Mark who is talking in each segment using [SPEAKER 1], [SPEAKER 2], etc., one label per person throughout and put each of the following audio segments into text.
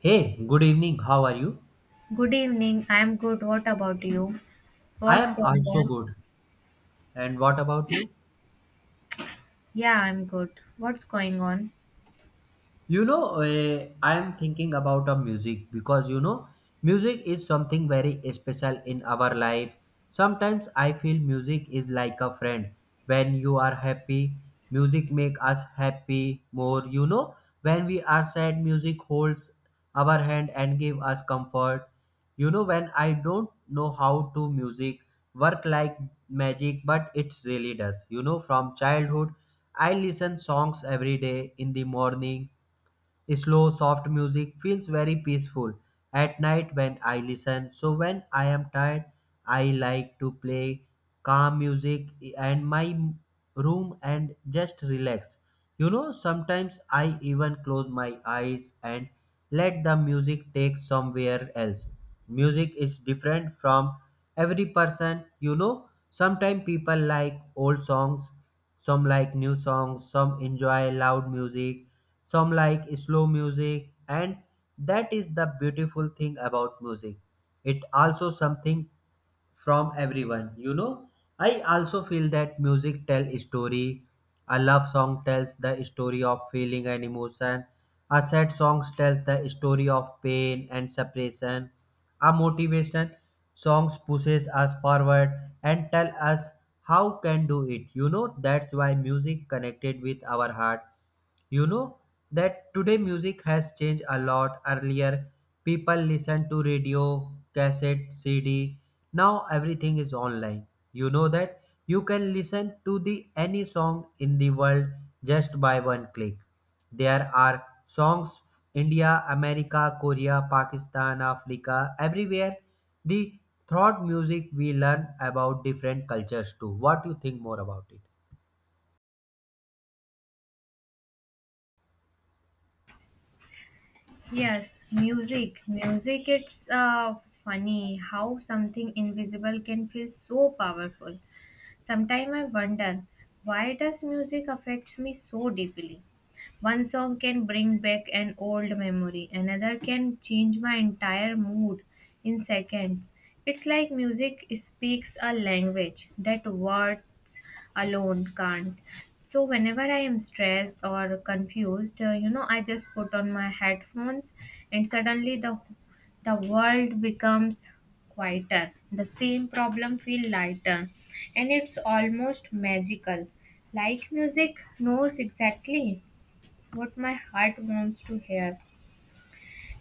[SPEAKER 1] Hey, good evening. How are you?
[SPEAKER 2] Good evening. I'm good. What about you?
[SPEAKER 1] I
[SPEAKER 2] What's
[SPEAKER 1] am
[SPEAKER 2] going
[SPEAKER 1] also
[SPEAKER 2] on?
[SPEAKER 1] good. And what about you?
[SPEAKER 2] Yeah, I'm good. What's going on?
[SPEAKER 1] You know, I am thinking about a music because you know, music is something very special in our life. Sometimes I feel music is like a friend. When you are happy, music make us happy more. You know, when we are sad, music holds our hand and give us comfort. You know, when I don't know how to music work like magic, but it really does. You know, from childhood, I listen songs every day in the morning. Slow, soft music feels very peaceful at night when I listen. So when I am tired, I like to play calm music and my room and just relax. You know, sometimes I even close my eyes and let the music take somewhere else. Music is different from every person, you know. Sometimes people like old songs, some like new songs, some enjoy loud music, some like slow music, and that is the beautiful thing about music. It also something from everyone, you know. I also feel that music tell a story. A love song tells the story of feeling and emotion. A sad song tells the story of pain and separation. A motivation songs pushes us forward and tell us how can do it, you know. That's why music connected with our heart. You know that today music has changed a lot. Earlier, people listened to radio, cassette, CD. Now everything is online. You know that you can listen to the any song in the world just by one click. There are songs India, America, Korea, Pakistan, Africa, everywhere. The thought music we learn about different cultures too. What do you think more about it?
[SPEAKER 2] Yes, music. Music, it's funny how something invisible can feel so powerful. Sometimes I wonder, why does music affects me so deeply? One song can bring back an old memory, another can change my entire mood in seconds. It's like music speaks a language that words alone can't. So whenever I am stressed or confused, I just put on my headphones, and suddenly the world becomes quieter. The same problem feel lighter, and it's almost magical. Like music knows exactly what my heart wants to hear.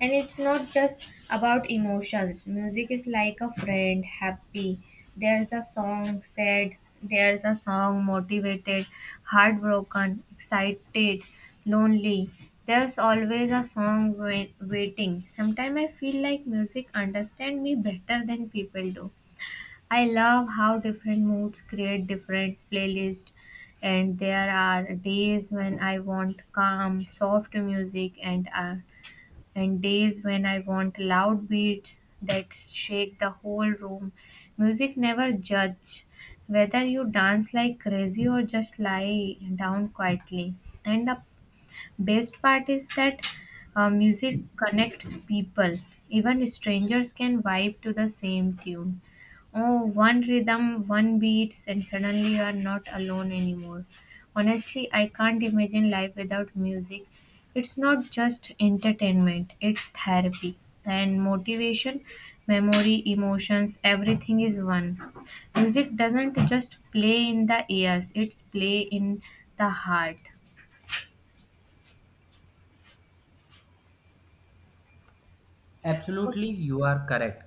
[SPEAKER 2] And it's not just about emotions. Music is like a friend. Happy, there's a song. Sad, there's a song. Motivated, heartbroken, excited, lonely, there's always a song waiting. Sometimes I feel like music understand me better than people do. I love how different moods create different playlists, and there are days when I want calm, soft music, and days when I want loud beats that shake the whole room. Music never judge whether you dance like crazy or just lie down quietly. And the best part is that music connects people. Even strangers can vibe to the same tune. Oh, one rhythm, one beat, and suddenly you are not alone anymore. Honestly, I can't imagine life without music. It's not just entertainment, it's therapy and motivation, memory, emotions, everything is one. Music doesn't just play in the ears, it's play in the heart.
[SPEAKER 1] Absolutely, you are correct.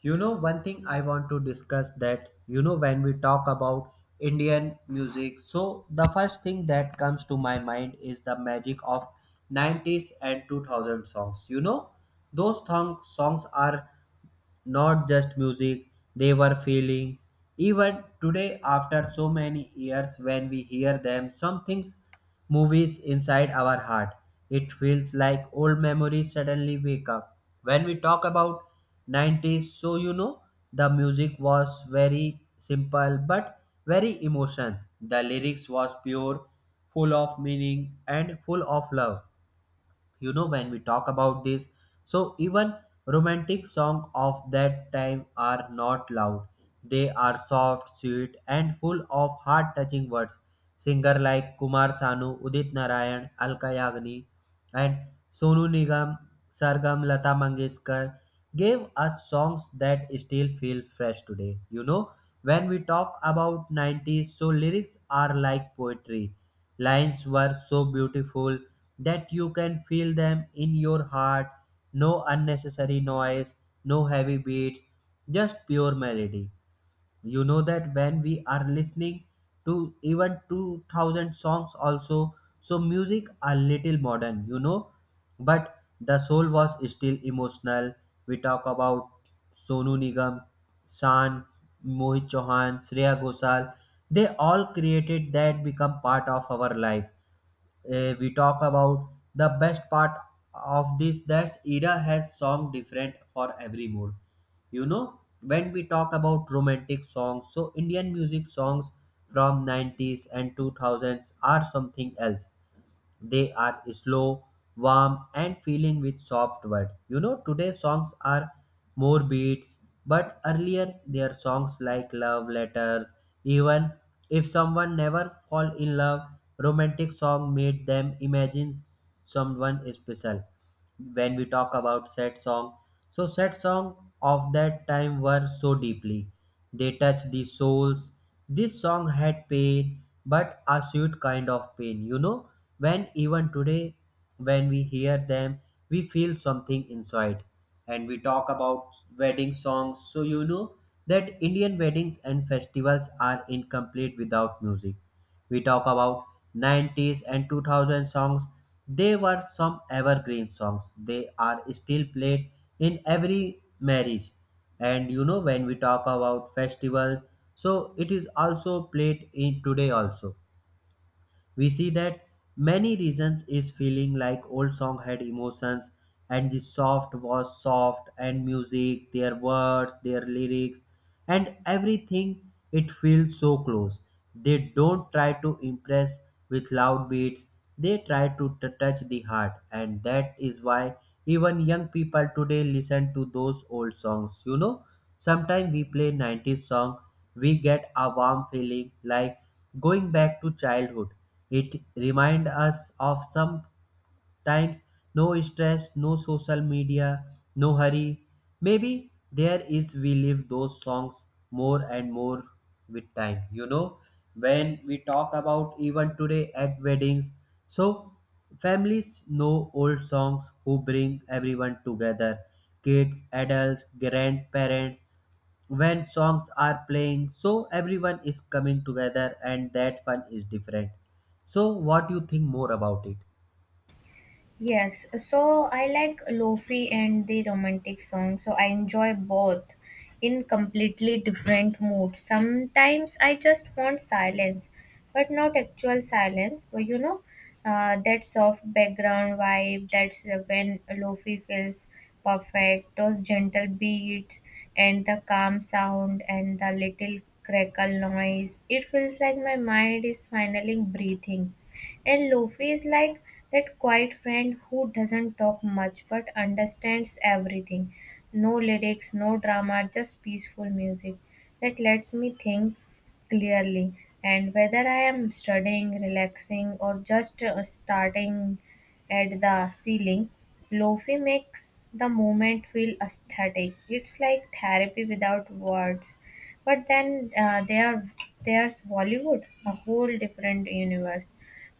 [SPEAKER 1] You know, one thing I want to discuss that, you know, when we talk about Indian music, so the first thing that comes to my mind is the magic of 90s and 2000 songs. You know, those songs are not just music, they were feeling. Even today after so many years when we hear them, some things movies inside our heart. It feels like old memories suddenly wake up. When we talk about 90s, so you know, the music was very simple but very emotion. The lyrics was pure, full of meaning and full of love. You know, when we talk about this, so even romantic song of that time are not loud. They are soft, sweet, and full of heart touching words. Singer like Kumar Sanu, Udit Narayan, Alka Yagni, and Sonu Nigam, Sargam, Lata Mangeshkar gave us songs that still feel fresh today. You know, when we talk about 90s, so lyrics are like poetry. Lines were so beautiful that you can feel them in your heart. No unnecessary noise, no heavy beats, just pure melody. You know that when we are listening to even 2000 songs also, so music a little modern, you know, but the soul was still emotional. We talk about Sonu Nigam, san Mohit Chauhan, Shreya Ghoshal, they all created that become part of our life. We talk about the best part of this, that era has song different for every mood. You know, when we talk about romantic songs, so Indian music songs from 90s and 2000s are something else. They are slow, warm, and filling with soft words. You know, today songs are more beats, but earlier their songs like love letters. Even if someone never fall in love, romantic song made them imagine someone special. When we talk about sad song, so sad song of that time were so deeply, they touched the souls. This song had pain but a sweet kind of pain, you know. When even today, when we hear them, we feel something inside. And we talk about wedding songs, so you know that Indian weddings and festivals are incomplete without music. We talk about 90s and 2000 songs. They were some evergreen songs. They are still played in every marriage. And you know when we talk about festivals, so it is also played in today also. We see that many reasons is feeling like old song had emotions, and the soft was soft and music, their words, their lyrics, and everything, it feels so close. They don't try to impress with loud beats. They try to touch the heart, and that is why even young people today listen to those old songs. You know, sometimes we play 90s song, we get a warm feeling like going back to childhood. It reminds us of sometimes no stress, no social media, no hurry. Maybe there is we live those songs more and more with time. You know, when we talk about even today at weddings, so families know old songs who bring everyone together, kids, adults, grandparents. When songs are playing, so everyone is coming together and that fun is different. So what do you think more about it?
[SPEAKER 2] Yes, so I like lofi and the romantic song, so I enjoy both in completely different moods. Sometimes I just want silence, but not actual silence, but that soft background vibe, that's when lofi feels perfect, those gentle beats and the calm sound and the little crackle noise. It feels like my mind is finally breathing. And Luffy is like that quiet friend who doesn't talk much but understands everything. No lyrics, no drama, just peaceful music that lets me think clearly. And whether I am studying, relaxing, or just starting at the ceiling, Lofi makes the moment feel aesthetic. It's like therapy without words. But then there's Bollywood, a whole different universe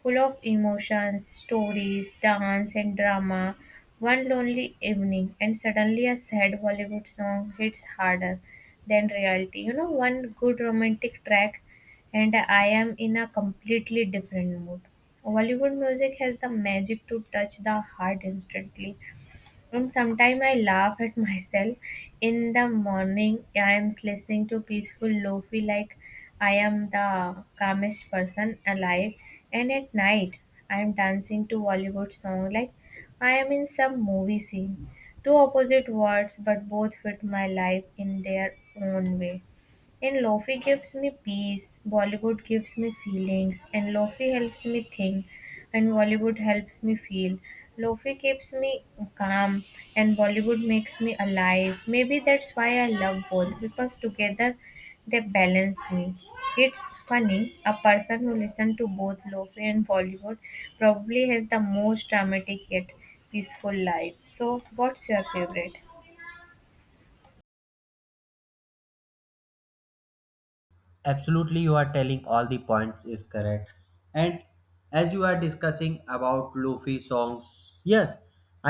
[SPEAKER 2] full of emotions, stories, dance, and drama. One lonely evening, and suddenly a sad Bollywood song hits harder than reality. You know, one good romantic track, and I am in a completely different mood. Bollywood music has the magic to touch the heart instantly. And sometimes I laugh at myself. In the morning, I am listening to peaceful lofi like I am the calmest person alive. And at night, I am dancing to Bollywood song like I am in some movie scene. Two opposite words, but both fit my life in their own way. And Lofi gives me peace, Bollywood gives me feelings, and Lofi helps me think, and Bollywood helps me feel. Lofi keeps me calm, and Bollywood makes me alive. Maybe that's why I love both, because together they balance me. It's funny, a person who listens to both Lofi and Bollywood probably has the most dramatic yet peaceful life. So, what's your favorite?
[SPEAKER 1] Absolutely, you are telling all the points is correct. And as you are discussing about lofi songs, yes,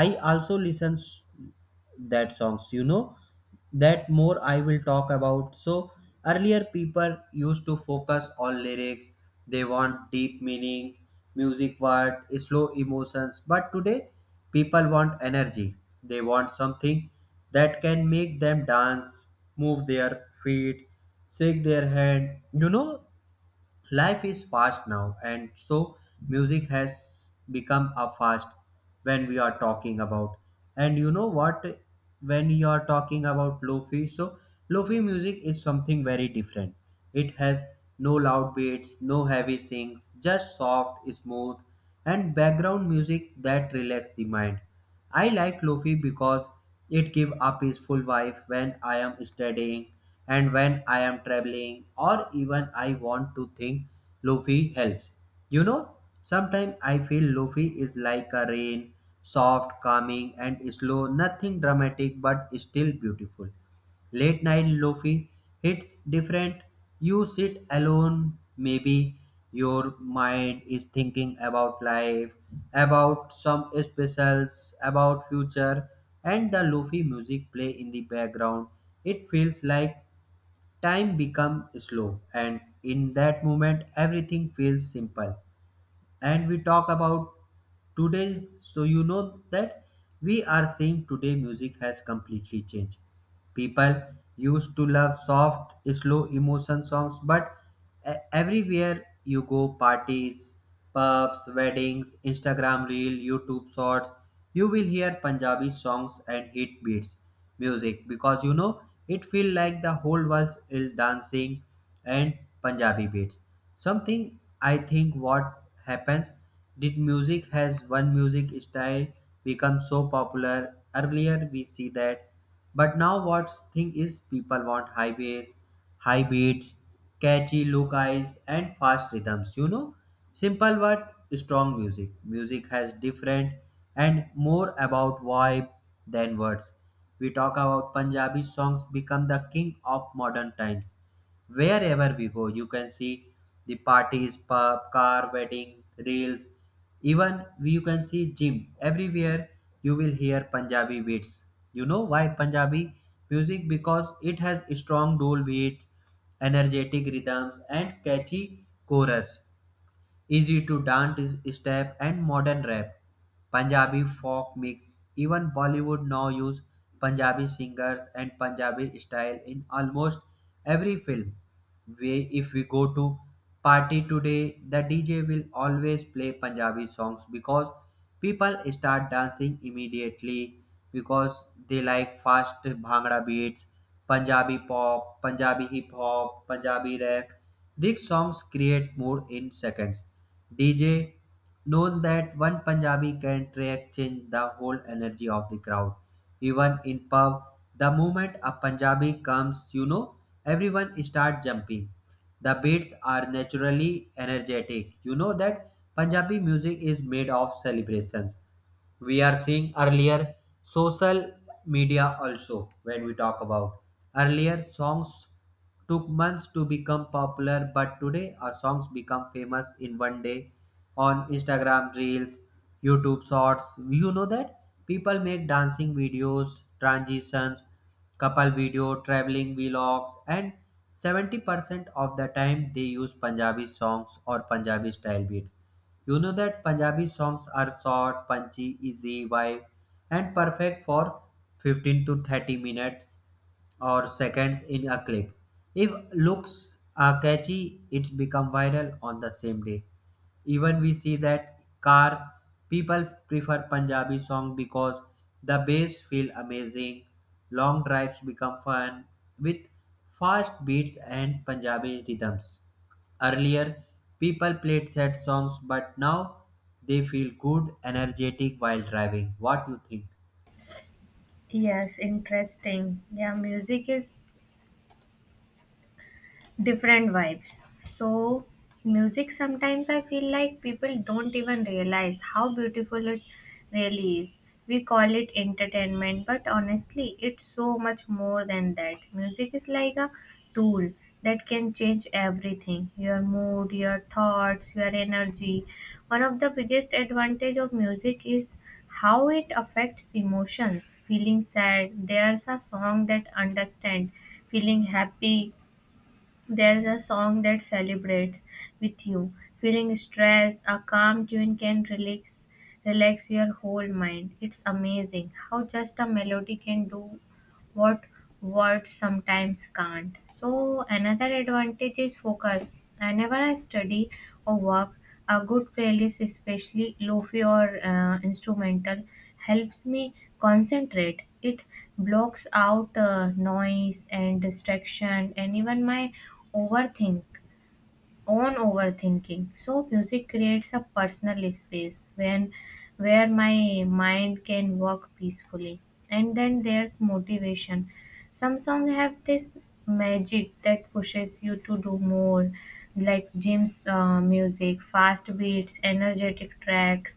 [SPEAKER 1] I also listen that songs, you know. That more I will talk about. So earlier people used to focus on lyrics. They want deep meaning, music word slow emotions, but today people want energy. They want something that can make them dance, move their feet, shake their hand. You know, life is fast now, and so music has become a fast when we are talking about. And you know what? When you are talking about lofi, so lofi music is something very different. It has no loud beats, no heavy sings, just soft, smooth, and background music that relax the mind. I like lofi because it give a peaceful vibe when I am studying, and when I am traveling or even I want to think, lofi helps. You know, sometimes I feel lofi is like a rain, soft, calming and slow, nothing dramatic but still beautiful. Late night lofi hits different. You sit alone, maybe your mind is thinking about life, about some specials, about future, and the lofi music play in the background. It feels like time become slow, and in that moment everything feels simple. And we talk about today. So, you know that we are seeing today music has completely changed. People used to love soft, slow emotion songs, but everywhere you go, parties, pubs, weddings, Instagram reel, YouTube shorts, you will hear Punjabi songs and hit beats music, because you know, it feel like the whole world is dancing and Punjabi beats. Something I think what happens, did music has one music style become so popular earlier, we see that, but now what thing is people want high bass, high beats, catchy look eyes and fast rhythms, you know? Simple but strong music. Music has different and more about vibe than words. We talk about Punjabi songs become the king of modern times. Wherever we go, you can see the parties, pub, car, wedding, reels, even you can see gym, everywhere you will hear Punjabi beats. You know why Punjabi music? Because it has strong dual beats, energetic rhythms and catchy chorus, easy to dance step and modern rap. Punjabi folk mix. Even Bollywood now use Punjabi singers and Punjabi style in almost every film. We, if we go to party today, the DJ will always play Punjabi songs because people start dancing immediately, because they like fast bhangra beats, Punjabi pop, Punjabi hip hop, Punjabi rap. These songs create mood in seconds. DJ known that one Punjabi can track change the whole energy of the crowd. Even in pub, the moment a Punjabi comes, you know, everyone start jumping. The beats are naturally energetic. You know that Punjabi music is made of celebrations. We are seeing earlier social media also, when we talk about earlier songs, took months to become popular, but today our songs become famous in one day on Instagram reels, YouTube shorts. You know that people make dancing videos, transitions, couple video, traveling vlogs, and 70% of the time they use Punjabi songs or Punjabi style beats. You know that Punjabi songs are short, punchy, easy vibe, and perfect for 15 to 30 minutes or seconds in a clip. If looks are catchy, it's become viral on the same day. Even we see that car, people prefer Punjabi song because the bass feel amazing, long drives become fun with fast beats and Punjabi rhythms. Earlier, people played sad songs, but now they feel good, energetic while driving. What do you think?
[SPEAKER 2] Yes, interesting. Yeah, music is different vibes. So, music, sometimes I feel like people don't even realize how beautiful it really is. We call it entertainment, but honestly, it's so much more than that. Music is like a tool that can change everything, your mood, your thoughts, your energy. One of the biggest advantage of music is how it affects emotions. Feeling sad, there's a song that understand. Feeling happy, there's a song that celebrates with you. Feeling stressed, a calm tune can relax your whole mind. It's amazing how just a melody can do what words sometimes can't. So, another advantage is focus. Whenever I study or work, a good playlist, especially lofi or instrumental, helps me concentrate. It blocks out noise and distraction and even my overthink own overthinking. So music creates a personal space when where my mind can work peacefully. And then there's motivation. Some songs have this magic that pushes you to do more, like Jim's music, fast beats, energetic tracks.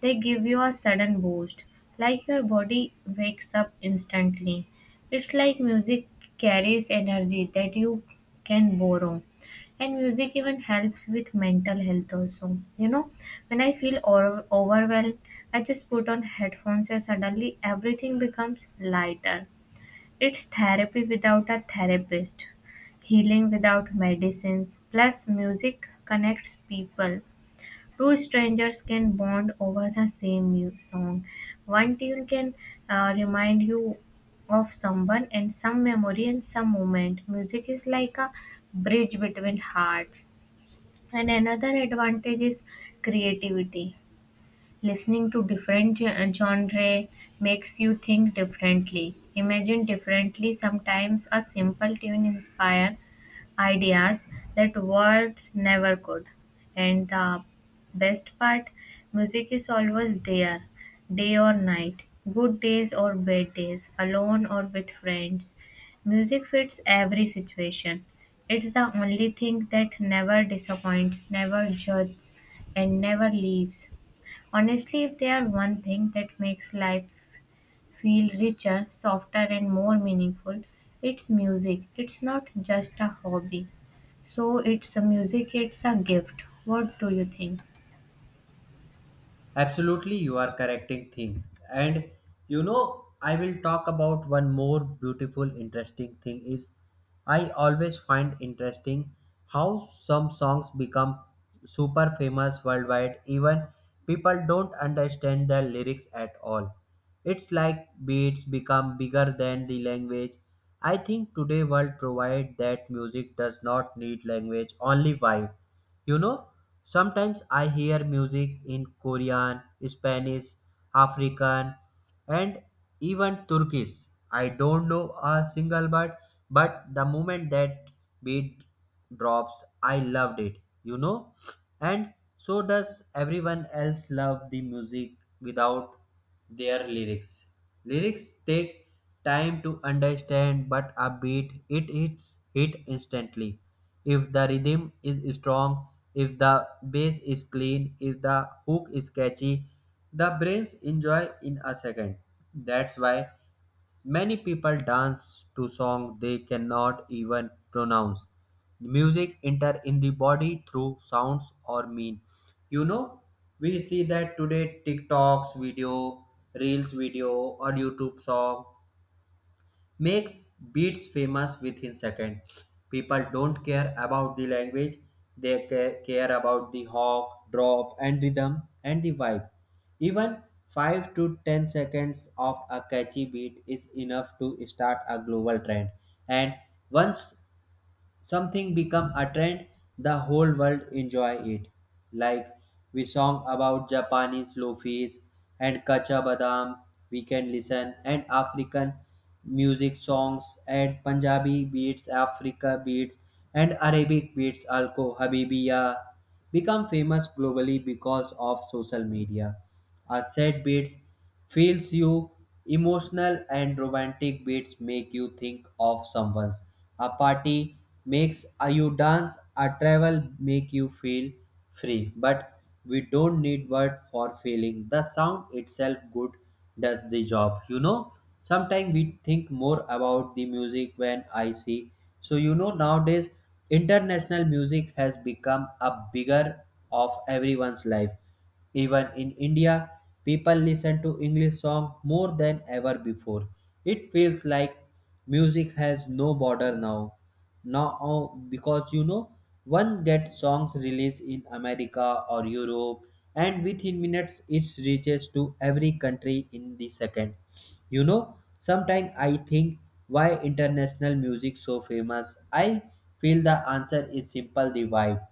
[SPEAKER 2] They give you a sudden boost, like your body wakes up instantly. It's like music carries energy that you can borrow. And music even helps with mental health also. You know, when I feel overwhelmed, I just put on headphones and suddenly everything becomes lighter. It's therapy without a therapist, healing without medicines. Plus music connects people. Two strangers can bond over the same song. One tune can remind you of someone and some memory and some moment. Music is like a bridge between hearts. And another advantage is creativity. Listening to different genre makes you think differently, imagine differently. Sometimes a simple tune inspires ideas that words never could. And the best part, music is always there, day or night, good days or bad days, alone or with friends. Music fits every situation. It's the only thing that never disappoints, never judges, and never leaves. Honestly, if there are one thing that makes life feel richer, softer, and more meaningful, it's music. It's not just a hobby. So it's a music, it's a gift. What do you think?
[SPEAKER 1] Absolutely, you are correcting thing. And you know, I will talk about one more beautiful, interesting thing is I always find interesting how some songs become super famous worldwide. Even people don't understand the lyrics at all. It's like beats become bigger than the language. I think today world provide that music does not need language, only vibe, you know, sometimes I hear music in Korean, Spanish, African, and even Turkish. I don't know a single word, but the moment that beat drops, I loved it, you know. And so does everyone else love the music without their lyrics. Lyrics take time to understand, but a beat it hits hit instantly. If the rhythm is strong, if the bass is clean, if the hook is catchy, the brains enjoy in a second. That's why many people dance to songs they cannot even pronounce. Music enter in the body through sounds or mean. You know, we see that today TikToks video, Reels video, or YouTube song makes beats famous within seconds. People don't care about the language, they care about the hook, drop, and rhythm and the vibe. Even 5 to 10 seconds of a catchy beat is enough to start a global trend. And once something become a trend, the whole world enjoy it, like we song about japanese loafis and kacha badam, we can listen and african music songs and punjabi beats, africa beats and arabic beats alko habibiya become famous globally because of social media. Are sad beats feels you emotional, and romantic beats make you think of someone's. A party makes a you dance, a travel make you feel free, but we don't need word for feeling the sound itself good, does the job, you know. Sometimes we think more about the music when I see. So you know, nowadays international music has become a bigger of everyone's life, even in India, people listen to English song more than ever before. It feels like music has no border now. Now, because you know, one gets songs released in America or Europe, and within minutes it reaches to every country in the second. You know, sometimes I think, why international music so famous? I feel the answer is simple, the vibe.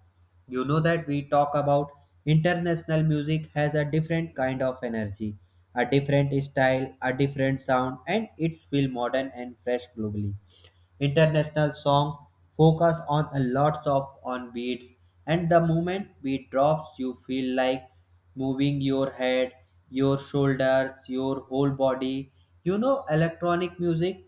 [SPEAKER 1] You know that we talk about international music has a different kind of energy, a different style, a different sound, and it's feel modern and fresh globally. International song focus on a lot of on beats, and the moment beat drops, you feel like moving your head, your shoulders, your whole body. You know, electronic music,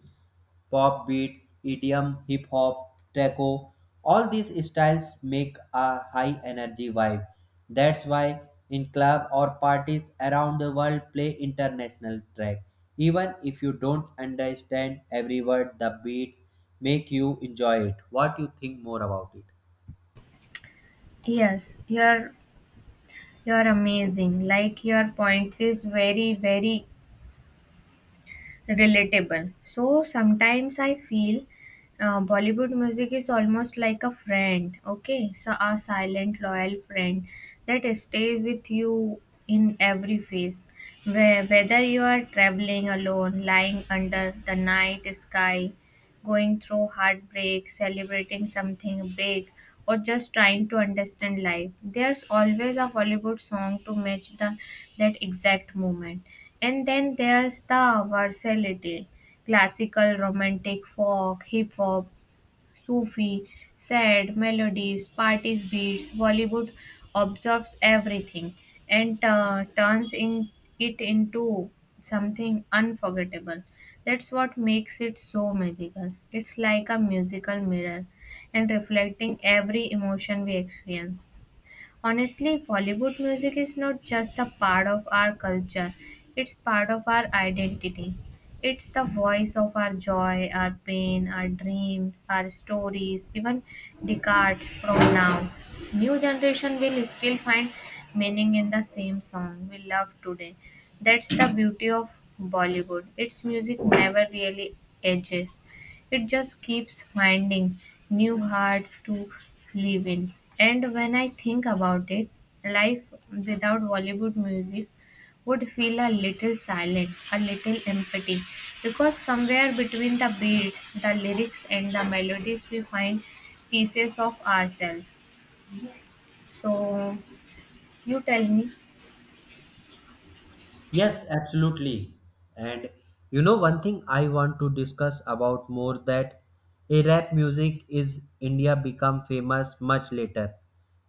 [SPEAKER 1] pop beats, EDM, hip hop, taco. All these styles make a high energy vibe. That's why in club or parties around the world play international track. Even if you don't understand every word, the beats make you enjoy it. What you think more about it?
[SPEAKER 2] Yes, you're amazing. Like your points is very very relatable. So sometimes I feel Bollywood music is almost like a friend. Okay, so a silent loyal friend that stays with you in every phase. Whether you are traveling alone, lying under the night sky, going through heartbreak, celebrating something big, or just trying to understand life, there's always a Hollywood song to match the that exact moment. And then there's the versatility, classical, romantic, folk, hip hop, Sufi, sad melodies, parties beats, Bollywood absorbs everything and turns in it into something unforgettable. That's what makes it so magical. It's like a musical mirror and reflecting every emotion we experience. Honestly, Bollywood music is not just a part of our culture, it's part of our identity. It's the voice of our joy, our pain, our dreams, our stories, even decades from now. New generation will still find meaning in the same song we love today. That's the beauty of Bollywood. Its music never really ages. It just keeps finding new hearts to live in. And when I think about it, life without Bollywood music would feel a little silent, a little empty, because somewhere between the beats, the lyrics, and the melodies, we find pieces of ourselves. So, you tell me.
[SPEAKER 1] Yes, absolutely. And you know, one thing I want to discuss about more, that a rap music is India become famous much later.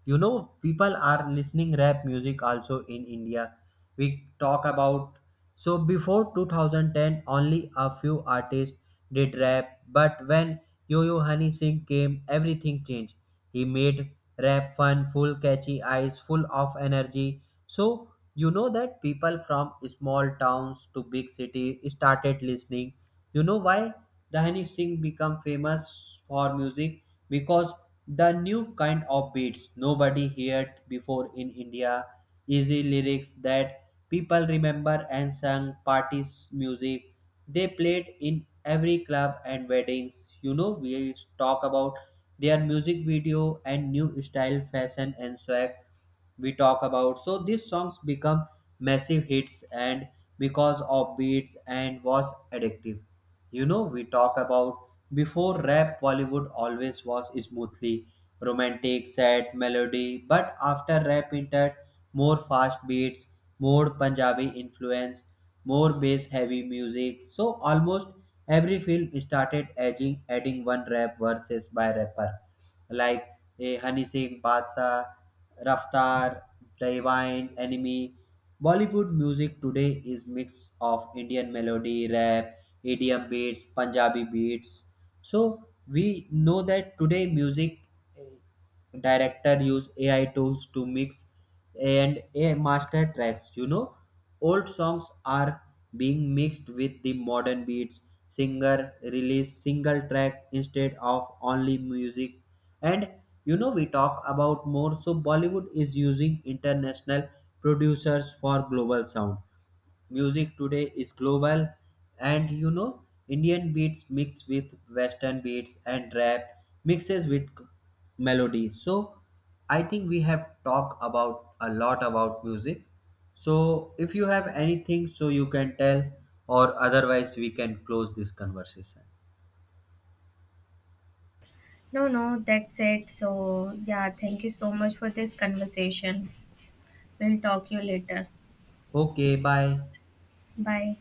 [SPEAKER 1] You know, people are listening rap music also in India. We talk about, so before 2010, only a few artists did rap, but when Yo-Yo Honey Singh came, everything changed. He made rap fun, full catchy eyes, full of energy. So you know that people from small towns to big city started listening. You know why the Honey Singh become famous for music? Because the new kind of beats nobody heard before in India, easy lyrics that people remember and sang parties music. They played in every club and weddings. You know, we talk about their music video and new style, fashion and swag we talk about. So these songs become massive hits, and because of beats and was addictive. You know, we talk about before rap, Bollywood always was smoothly romantic, sad melody, but after rap entered, more fast beats, more Punjabi influence, more bass heavy music. So almost every film started adding one rap verses by rapper like Honey Singh, Badshah, Raftar, Divine, Enemy. Bollywood music today is mix of Indian melody, rap, EDM beats, Punjabi beats. So we know that today music, eh, director use AI tools to mix and a master tracks. You know, old songs are being mixed with the modern beats, singer release single track instead of only music. And you know, we talk about more. So bollywood is using international producers for global sound. Music today is global, and you know, indian beats mixed with western beats and rap mixes with melody. So I think we have talked about a lot about music. So if you have anything, so you can tell, or otherwise we can close this conversation.
[SPEAKER 2] No, no, that's it. So, yeah, thank you so much for this conversation. We'll talk you later.
[SPEAKER 1] Okay, bye.
[SPEAKER 2] Bye.